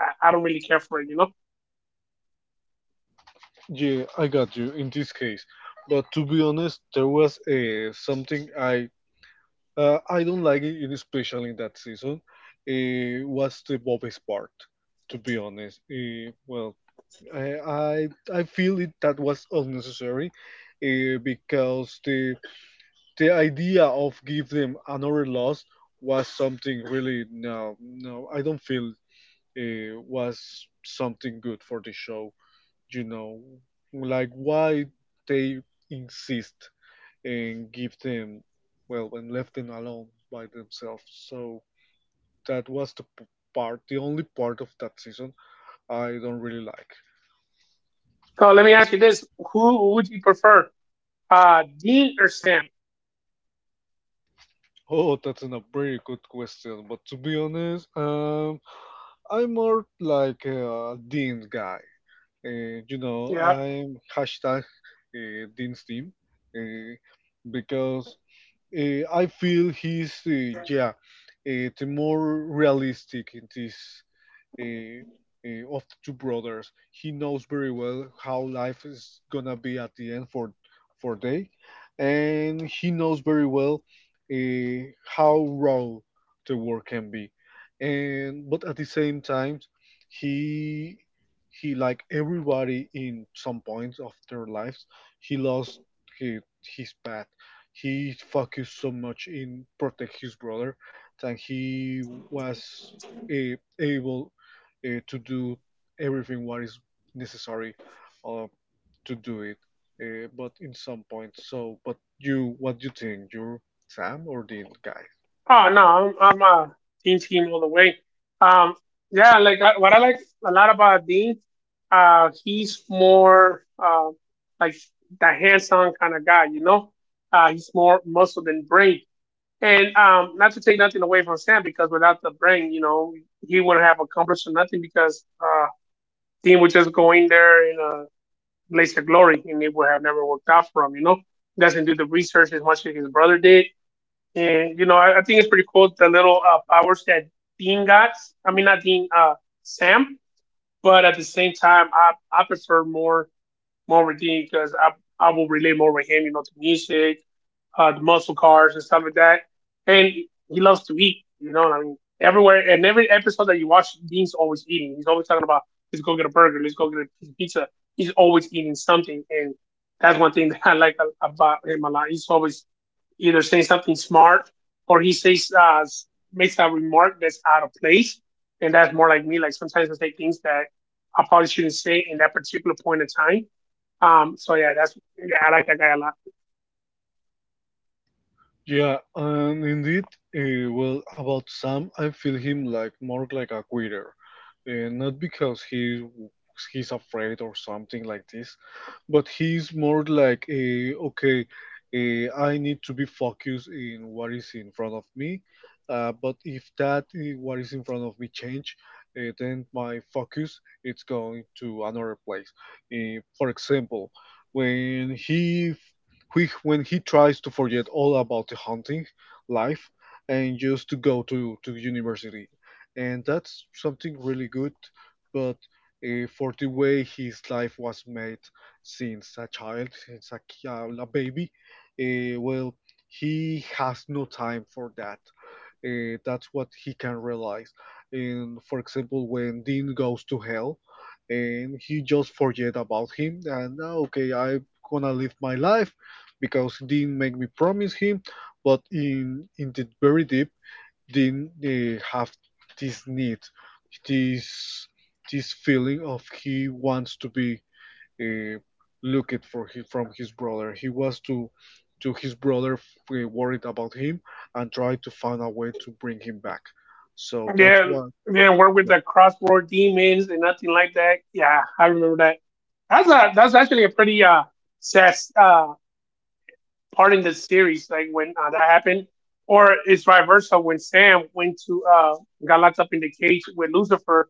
S2: I, I don't really care for it, you know.
S1: yeah i got you in this case. But to be honest, there was uh, something i uh, i don't like it in- especially in that season. Uh, was the Bobby's part, to be honest. Uh, well, I I I feel it, that was unnecessary, uh, because the the idea of give them another loss was something really, no no I don't feel uh, was something good for the show. You know, like why they insist and give them, well, and left them alone by themselves. So that was the p- part, the only part of that season I don't really like.
S2: So let me ask you this: who would you prefer, uh, Dean or Sam?
S1: Oh, that's an- a very good question. But to be honest, um, I'm more like a Dean guy. Uh, you know,
S2: Yeah.
S1: I'm hashtag uh, Dean's team, uh, because uh, I feel he's, uh, yeah uh, the more realistic in this, uh, uh, of the two brothers. He knows very well how life is gonna be at the end for for they, and he knows very well uh, how raw the work can be. And but at the same time, he he like everybody in some points of their lives, he lost his, his path. He focused so much in protect his brother that he was a, able uh, to do everything what is necessary uh, to do it. Uh, but in some point, so but you, what do you think, you Sam or Dean guy?
S2: Oh no, I'm I'm a team team all the way. Um, yeah, like I, what I like a lot about Dean, uh, he's more uh, like the hands-on kind of guy, you know. Uh, he's more muscle than brain. And um, not to take nothing away from Sam, because without the brain, you know, he wouldn't have accomplished nothing. Because uh, Dean would just go in there in a blaze of glory, and it would have never worked out for him, you know. Doesn't do the research as much as his brother did, and you know, I, I think it's pretty cool the little uh, powers that Dean got. I mean, not Dean, uh, Sam. But at the same time, I I prefer more more with Dean because I I will relate more with him. You know, the music, uh, the muscle cars and stuff like that. And he loves to eat, you know what I mean? Everywhere and every episode that you watch, Dean's always eating. He's always talking about, let's go get a burger, let's go get a pizza. He's always eating something. And that's one thing *laughs* that I like about him a lot. He's always either saying something smart or he says, uh, makes a remark that's out of place. And that's more like me. Like sometimes I say things that I probably shouldn't say in that particular point in time. Um, so yeah, that's, yeah, I like that guy a lot.
S1: Yeah, and indeed, uh, well, about Sam, I feel him like more like a quitter, uh, not because he he's afraid or something like this, but he's more like a okay, eh, I need to be focused in what is in front of me, uh, but if that eh, what is in front of me change, uh, then my focus it's going to another place. Eh, for example, when he he, when he tries to forget all about the hunting life and just to go to, to university. And that's something really good, but uh, for the way his life was made since a child, since a, ki- a baby, uh, well, he has no time for that. Uh, that's what he can realize. And for example, when Dean goes to hell, and he just forget about him, and, "Ah, okay, I'm gonna live my life because Dean make me promise him." But in in the very deep, Dean uh, have this need, this this feeling of he wants to be uh, looked for his, from his brother. He was to to his brother f- uh, worried about him and tried to find a way to bring him back. So that's
S2: Yeah,
S1: what.
S2: yeah, work with
S1: Yeah,
S2: the crossbow demons and nothing like that. Yeah, I remember that. That's a that's actually a pretty uh sad uh part in the series, like when uh, that happened, or it's vice versa when Sam went to uh got locked up in the cage with Lucifer,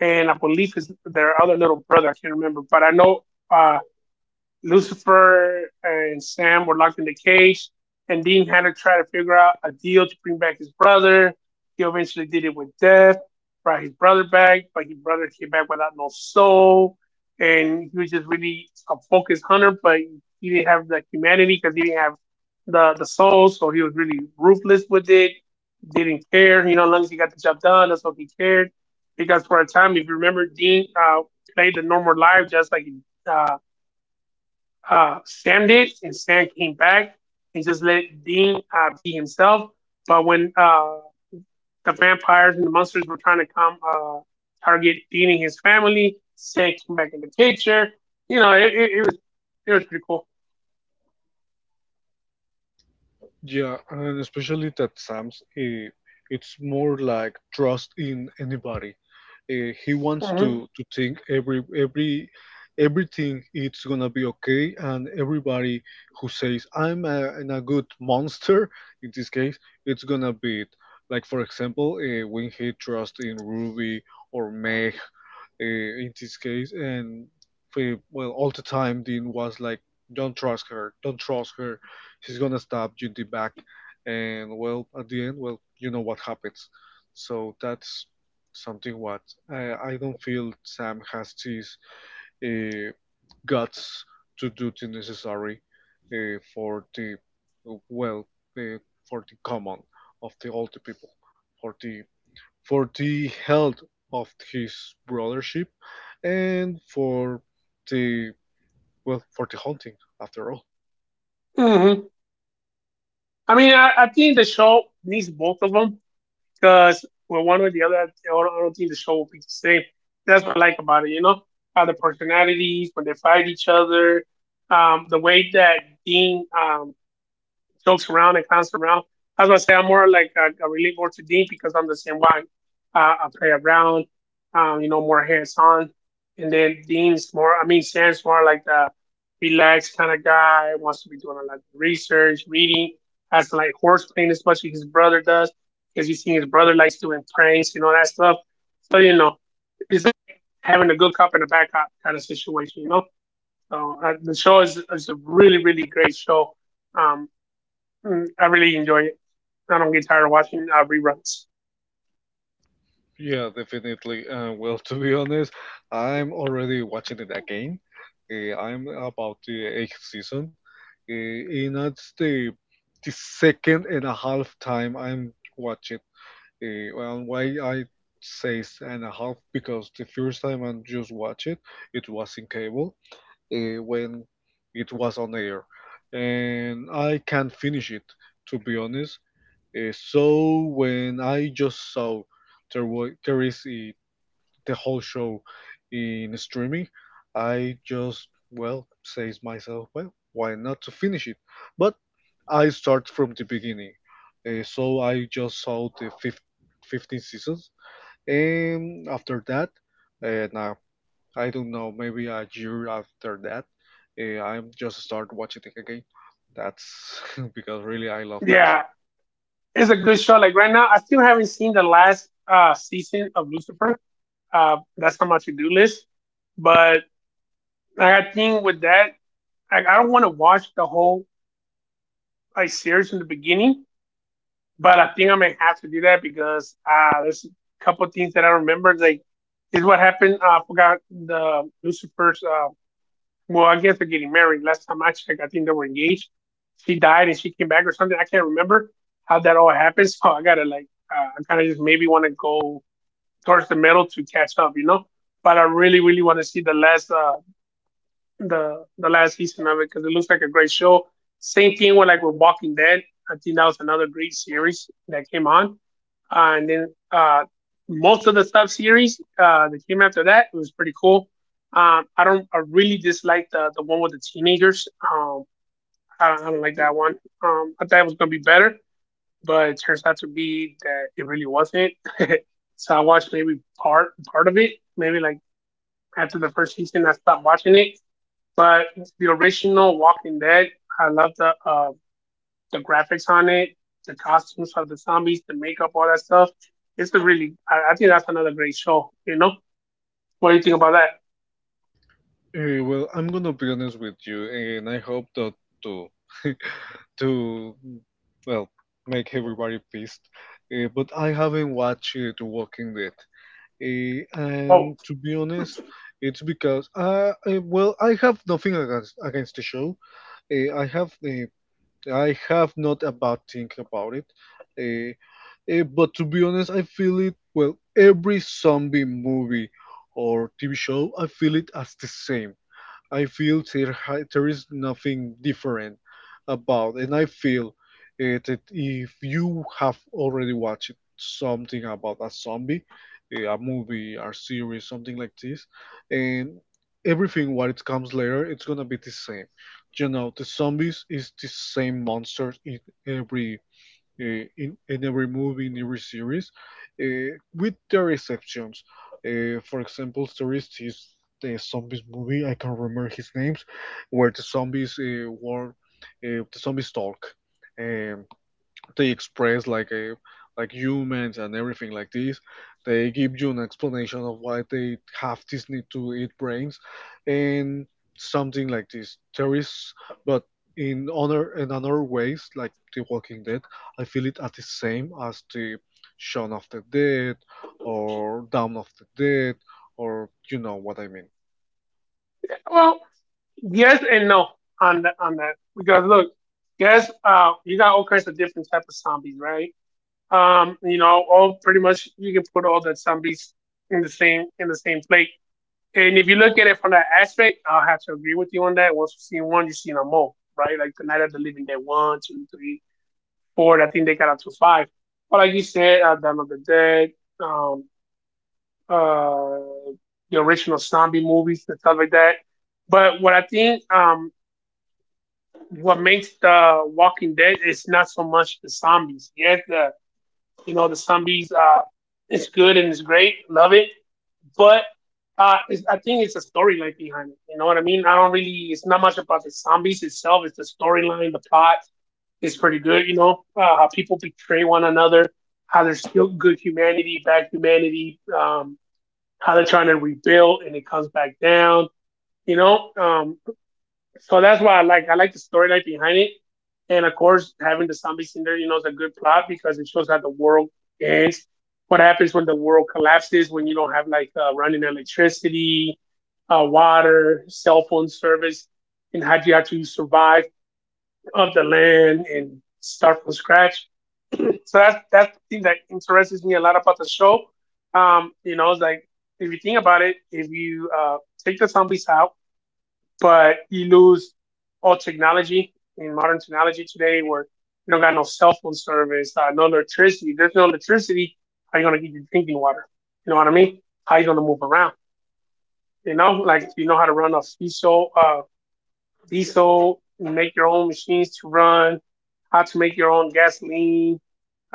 S2: and I believe his their other little brother. I can't remember, but I know uh Lucifer and Sam were locked in the cage, and Dean had to try to figure out a deal to bring back his brother. He eventually did it with Death, brought his brother back, but his brother came back without no soul, and he was just really a focused hunter, but he didn't have the humanity because he didn't have the the soul, so he was really ruthless with it. Didn't care, you know, as long as he got the job done, that's all he cared. Because for a time, if you remember, Dean uh, played the normal life just like uh, uh, Sam did, and Sam came back and just let Dean uh, be himself. But when uh, the vampires and the monsters were trying to come uh, target Dean and his family, Sam came back in the picture. You know, it, it, it was it was pretty cool.
S1: yeah, and especially that Sam's. Uh, it's more like trust in anybody. Uh, he wants
S2: Hmm.
S1: to to think every every everything it's gonna be okay, and everybody who says I'm a, an a good monster in this case, it's gonna be it. Like for example, uh, when he trusts in Ruby or Meg uh, in this case, and we, well, all the time Dean was like, "Don't trust her, don't trust her, she's gonna stab you in the back," and well, at the end, well, you know what happens. So that's something what I, I don't feel Sam has these uh, guts to do the necessary uh, for the well, uh, for the common of the all the people, for the for the health of his brothership and for the well for the hunting after all.
S2: Hmm. I mean, I, I think the show needs both of them, because well, one or the other, I don't, I don't think the show will be the same. That's what I like about it, you know, how the personalities when they fight each other, um, the way that Dean um, jokes around and clowns around. As I say, I'm more like a, a relief or to Dean because I'm the same way. Uh, I play around, um, you know, more hands on, and then Dean's more. I mean, Sam's more like the relaxed kind of guy. Wants to be doing a lot of research, reading. Hasn't like horse playing as much as his brother does because you see his brother likes doing pranks, you know that stuff. So you know, it's like having a good cop and a bad cop kind of situation, you know. So uh, the show is, is a really really great show. Um, Mm, I really enjoy it. I don't get tired of watching uh, reruns.
S1: Yeah, definitely. Uh, well, *laughs* to be honest, I'm already watching it again. Uh, I'm about the eighth season, uh, and that's the the second and a half time I'm watching. Uh, well, why I say s- and a half, because the first time I just watched it, it was in cable uh, when it was on air, and I can't finish it, to be honest. Uh, so when I just saw there was there is uh, the whole show in streaming, I just, well, says myself, well, why not to finish it? But I start from the beginning, uh, so I just saw the fif- fifteen seasons, and after that, uh, now I don't know, maybe a year after that, uh, I'm just start watching it again. That's *laughs* because really I love that
S2: Yeah,
S1: show.
S2: it's a good show. Like right now, I still haven't seen the last uh, season of Lucifer. Uh, that's on my to do list. But like, I think with that, like, I don't want to watch the whole like series in the beginning. But I think I may have to do that because uh, there's a couple of things that I remember. Like, is what happened. Uh, I forgot the Lucifer's uh, well, I guess they're getting married. Last time I checked, I think they were engaged. She died and she came back or something. I can't remember how that all happened. *laughs* So I gotta like, uh, I kind of just maybe want to go towards the middle to catch up, you know. But I really, really want to see the last, uh, the the last season of it because it looks like a great show. Same thing with like with Walking Dead. I think that was another great series that came on. Uh, and then uh, most of the sub series uh, that came after that, it was pretty cool. Um, I don't, I really dislike the the one with the teenagers. Um, I don't, I don't like that one. Um, I thought it was gonna be better, but it turns out to be that it really wasn't. *laughs* So I watched maybe part part of it, maybe like after the first season, I stopped watching it. But the original Walking Dead, I love the uh, the graphics on it, the costumes of the zombies, the makeup, all that stuff. It's a really, I, I think that's another great show. You know, what do you think about that?
S1: Eh, well, I'm gonna be honest with you, and I hope that to *laughs* to well make everybody pissed. Eh, but I haven't watched uh, The Walking Dead. Eh,
S2: Oh,
S1: and to be honest, it's because uh, I, well I have nothing against against the show. Eh, I have eh, I have not a bad thing about it. Eh, Eh, but to be honest, I feel it, well, every zombie movie or T V show, I feel it as the same. I feel there, ha- there is nothing different about, and I feel uh, that if you have already watched something about a zombie, eh, a movie, or series, something like this, and everything what it comes later, it's gonna be the same. You know, the zombies is the same monsters in every, uh, in, in every movie, in every series, uh, with their exceptions. Uh, for example, series is the zombies movie. I can't remember his names, where the zombies uh, were uh, the zombies talk. Um, they express like a like humans and everything like this. They give you an explanation of why they have this need to eat brains and something like this. There is, but in other in other ways, like The Walking Dead, I feel it at the same as the Shaun of the Dead or Dawn of the Dead, or you know what I mean.
S2: Well, yes and no on the, on that because look, yes, uh, you got all kinds of different type of zombies, right? Um, you know, all pretty much you can put all the zombies in the same in the same plate. And if you look at it from that aspect, I'll have to agree with you on that. Once you see one, you see them all, right? Like the Night of the Living Dead one, two, three, four. I think they got up to five. But like you said, uh, Dawn of the Dead, um, uh, the original zombie movies and stuff like that. But what I think um, what makes the Walking Dead is not so much the zombies. Yes, the you know the zombies uh, it's good and it's great, love it. But uh, it's, I think it's a storyline behind it. You know what I mean? I don't really. It's not much about the zombies itself. It's the storyline, the plot, is pretty good. You know uh, how people betray one another, how there's still good humanity, bad humanity, um, how they're trying to rebuild and it comes back down. You know, um, so that's why I like I like the storyline behind it, and of course having the zombies in there, you know, is a good plot because it shows how the world ends. What happens when the world collapses when you don't have like uh, running electricity, uh, water, cell phone service, and how do you have to survive off the land and start from scratch. So that's that's the thing that interests me a lot about the show. Um, you know, it's like if you think about it, if you uh, take the zombies out, but you lose all technology in modern technology today, where you don't got no cell phone service, uh, no electricity. There's no electricity. How you gonna get your drinking water? You know what I mean? How you gonna move around? You know, like you know how to run a diesel, uh, diesel, make your own machines to run, how to make your own gasoline,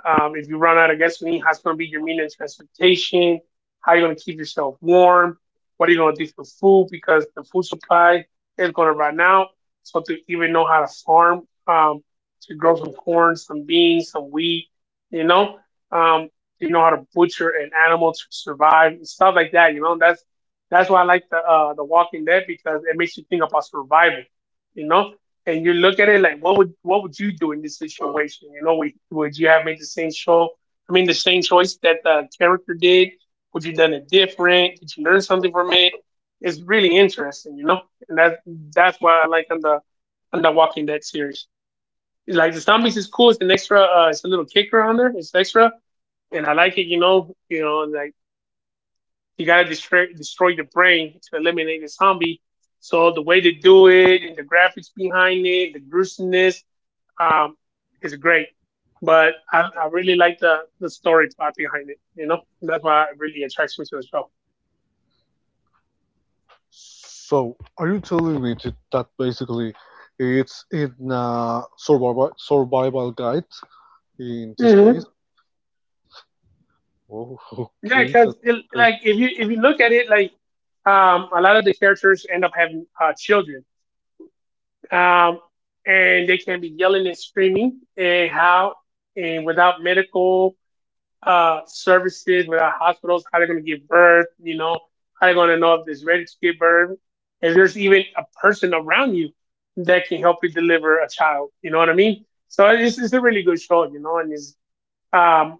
S2: um, if you run out of gasoline, how's going to be your meal and transportation? How are you going to keep yourself warm? What are you going to do for food? Because the food supply is going to run out. So to even know how to farm, um, to grow some corn, some beans, some wheat, you know, um, you know how to butcher an animal to survive and stuff like that. You know, that's that's why I like the uh, the Walking Dead because it makes you think about survival. You know, and you look at it like what would what would you do in this situation? You know, would, would you have made the same show? I mean, the same choice that the character did. Would you done it different? Did you learn something from it? It's really interesting, you know, and that that's why I like on the on the Walking Dead series. It's like the zombies is cool. It's an extra. Uh, it's a little kicker on there. It's extra, and I like it. You know, you know, like you gotta destroy destroy the brain to eliminate the zombie. So the way they do it, and the graphics behind it, the gruesomeness, um, is great. But I, I really like the, the story part behind it, you know? That's why it really attracts me to the show.
S1: So, are you telling me that that basically it's in a survival survival guide in this
S2: Mm-hmm.
S1: case. Oh, *laughs*
S2: Yeah,
S1: okay,
S2: because
S1: that's crazy.
S2: like if you if you look at it, like um, a lot of the characters end up having uh, children, um, and they can be yelling and screaming, and how and without medical uh, services with our hospitals, how they're going to give birth, you know, how they're going to know if it's ready to give birth. If there's even a person around you that can help you deliver a child, you know what I mean? So it's, it's a really good show, you know, and it's, um,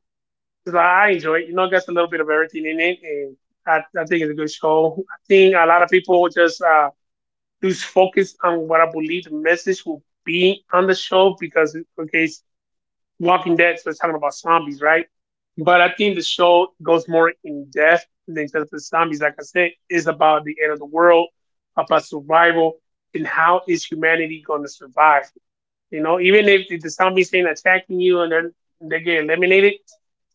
S2: it's like, I enjoy it. You know, it got a little bit of everything in it, and I, I think it's a good show. I think a lot of people just uh, lose focus on what I believe the message will be on the show because, okay, Walking Dead, so it's talking about zombies, right? But I think the show goes more in depth than just the zombies. Like I said, it's about the end of the world, about survival, and how is humanity going to survive? You know, even if the zombies ain't attacking you and then they get eliminated,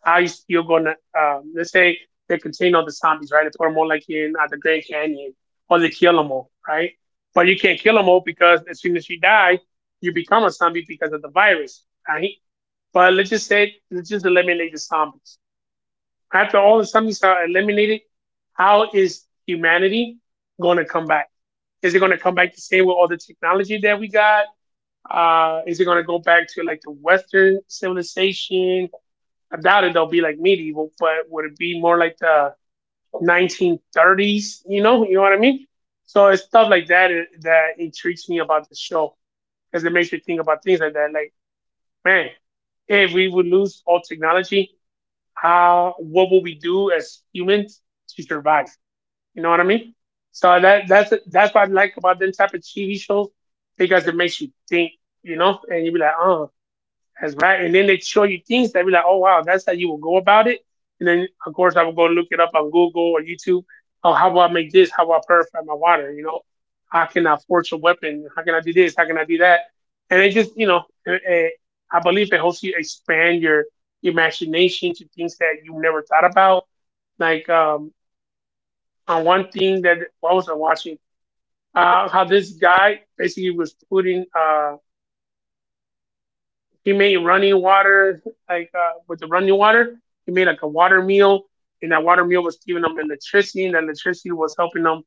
S2: how are you still going to, um, let's say they contain all the zombies, right? They put them all like in uh, the Grand Canyon, or they kill them all, right? But you can't kill them all because as soon as you die, you become a zombie because of the virus. I, but let's just say, let's just eliminate the zombies. After all the zombies are eliminated, how is humanity going to come back? Is it going to come back the same with all the technology that we got? Uh, is it going to go back to like the Western civilization? I doubt it. They'll be like medieval, but would it be more like the nineteen thirties? You know, you know what I mean. So it's stuff like that uh, that intrigues me about the show because it makes you think about things like that. Like, man, hey, if we would lose all technology, how what will we do as humans to survive? You know what I mean? So that that's that's what I like about them type of T V shows because it makes you think, you know, and you be like, oh, that's right. And then they show you things that be like, oh wow, that's how you will go about it. And then of course I will go look it up on Google or YouTube. Oh, how do I make this? How do I purify my water? You know, how can I forge a weapon? How can I do this? How can I do that? And it just, you know, it, it, I believe it helps you expand your imagination to things that you never thought about. Like um, on one thing that what was I watching? Uh, how this guy basically was putting uh, He made running water, like uh, with the running water. He made like a water meal, and that water meal was giving him electricity, and that electricity was helping him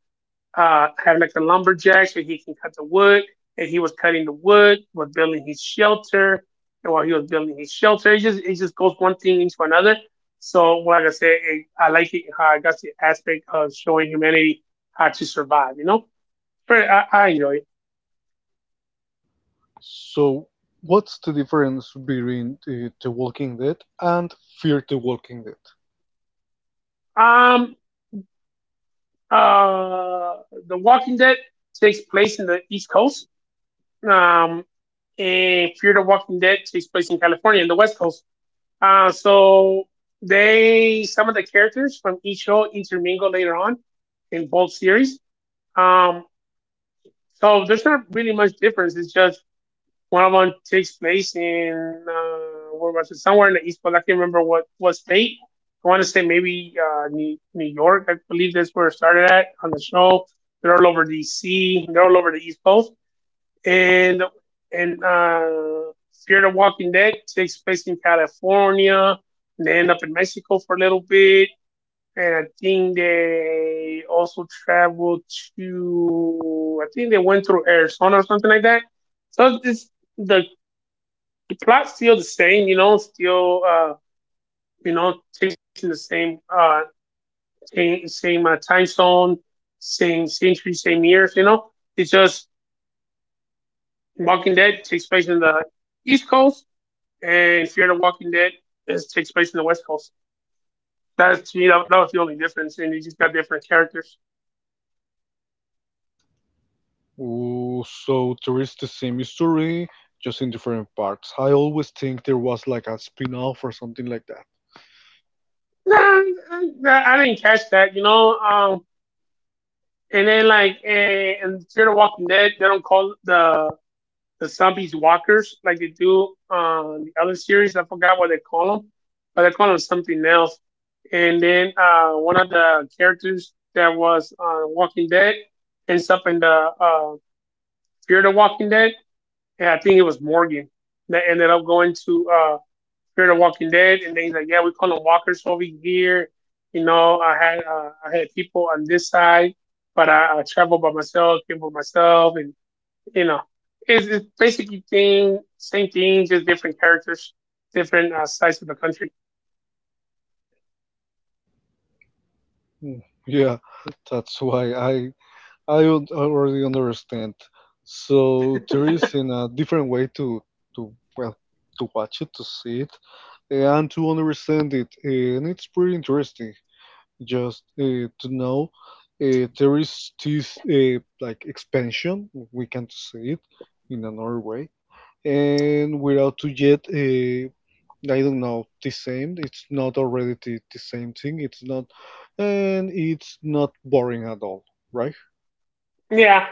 S2: uh, have like a lumberjack so he can cut the wood. And he was cutting the wood, was building his shelter, and while he was building his shelter, it just it just goes one thing into another. So, well, like I said, it, I like it how I got the aspect of showing humanity how to survive. You know, but I, I enjoy it.
S1: So, what's the difference between uh, The Walking Dead and Fear the Walking Dead?
S2: Um, Uh, the Walking Dead takes place in the East Coast, um, and Fear the Walking Dead takes place in California, in the West Coast. Uh, so they some of the characters from each show intermingle later on in both series. Um, so there's not really much difference. It's just one of them takes place in uh, where was it? Somewhere in the East, but I can't remember what what state. I want to say maybe uh, New New York. I believe that's where it started at on the show. They're all over D C. They're all over the East Coast, and and uh, Fear the Walking Dead takes place in California. And they end up in Mexico for a little bit, and I think they also traveled to. I think they went through Arizona or something like that. So it's the the plot's still the same, you know, still uh, you know, chasing the same uh same, same uh, time zone, same century, same years, you know. It's just Walking Dead takes place in the East Coast and Fear the Walking Dead is, takes place in the West Coast. That's to me that, was the only difference and you just got different characters.
S1: Ooh, so there is the same story, just in different parts. I always think there was like a spin-off or something like that.
S2: Nah, I, I didn't catch that, you know. Um and then like eh, in Fear the Walking Dead, they don't call the the zombies walkers like they do on uh, the other series. I forgot what they call them, but they call them something else. And then uh, one of the characters that was on uh, Walking Dead ends up in the uh, Fear the Walking Dead, and I think it was Morgan that ended up going to uh, Fear the Walking Dead, and then he's like, "Yeah, we call them walkers over here." You know, I had uh, I had people on this side, but I, I traveled by myself, came by myself, and you know, it's, it's basically thing, same thing, just different characters, different uh, sides of the country.
S1: Mm. Yeah, that's why I I un- already understand. So there is in a different way to to well to watch it, to see it, and to understand it, and it's pretty interesting. Just uh, to know, uh, there is this uh, like expansion we can see it in another way, and without to yet uh, I don't know the same. It's not already the, the same thing. It's not, and it's not boring at all, right?
S2: Yeah,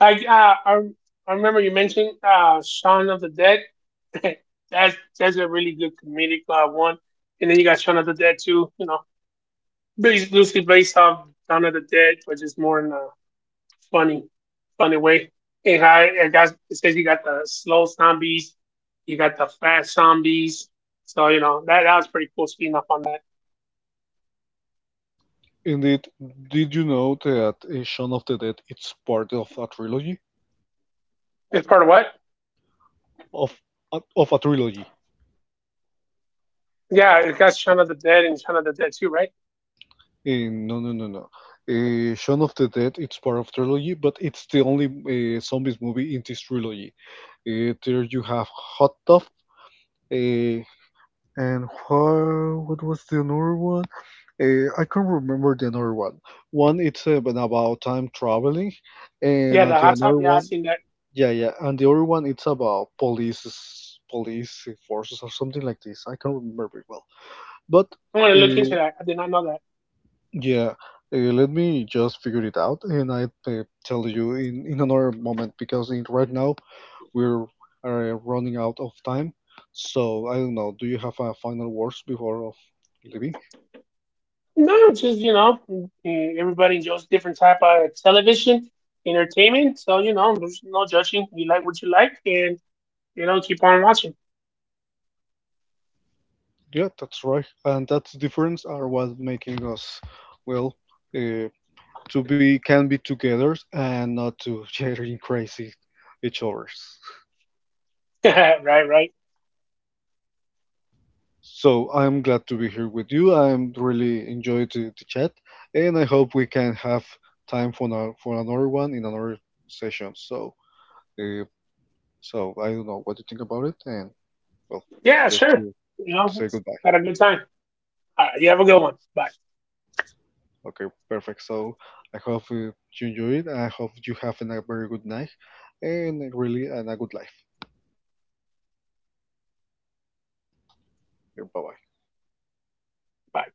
S2: I uh, I, I remember you mentioned uh, Shaun of the Dead. *laughs* that's that's a really good comedic uh, one. And then you got Shaun of the Dead too. You know, based, loosely based off Shaun of the Dead, but just more in a funny, funny way. And I, it, got, it says you got the slow zombies, you got the fast zombies. So you know that that was pretty cool. Speaking up on that,
S1: Indeed, did you know that uh, Shaun of the Dead it's part of a trilogy?
S2: it's part of what?
S1: Of a- of a trilogy?
S2: Yeah, it got Shaun of the Dead and Shaun of the Dead too, right?
S1: Eh, no, no, no, no. Uh, Shaun of the Dead it's part of trilogy, but it's the only uh, zombies movie in this trilogy. Uh, there you have Hot Tub, uh, and wha- what was the another one? Uh, I can't remember the another one. One it's uh, been about time traveling, and
S2: Yeah,
S1: uh,
S2: the
S1: the
S2: hot top.
S1: another
S2: Yeah, I
S1: one.
S2: seen that.
S1: Yeah, yeah, and the other one it's about police police forces or something like this. I can't remember very well, but
S2: I'm gonna look into
S1: uh,
S2: that. I did not know that.
S1: yeah, uh, let me just figure it out, and I uh, tell you in in another moment, because in, right now we're uh, running out of time. So I don't know. Do you have a final words before of leaving?
S2: No, just you know, eh, everybody enjoys different type of television entertainment. So you know, there's no judging. You like what you like, and you know, keep on watching.
S1: Yeah, that's right, and that's difference are what making us well. Uh, to be can be together and not to *laughs* chattering crazy each others.
S2: *laughs* right, right.
S1: So I'm glad to be here with you. I'm really enjoyed the, the chat, and I hope we can have time for another, for another one in another session. So, uh, so I don't know what you think about it, and well,
S2: Yeah,
S1: just
S2: sure.
S1: to,
S2: You
S1: to
S2: know,
S1: say goodbye.
S2: had a good time. All right, you have a good one. Bye.
S1: Okay, perfect. So I hope uh, you enjoy it. I hope you have a very good night, and really and a good life. Bye bye.
S2: Bye.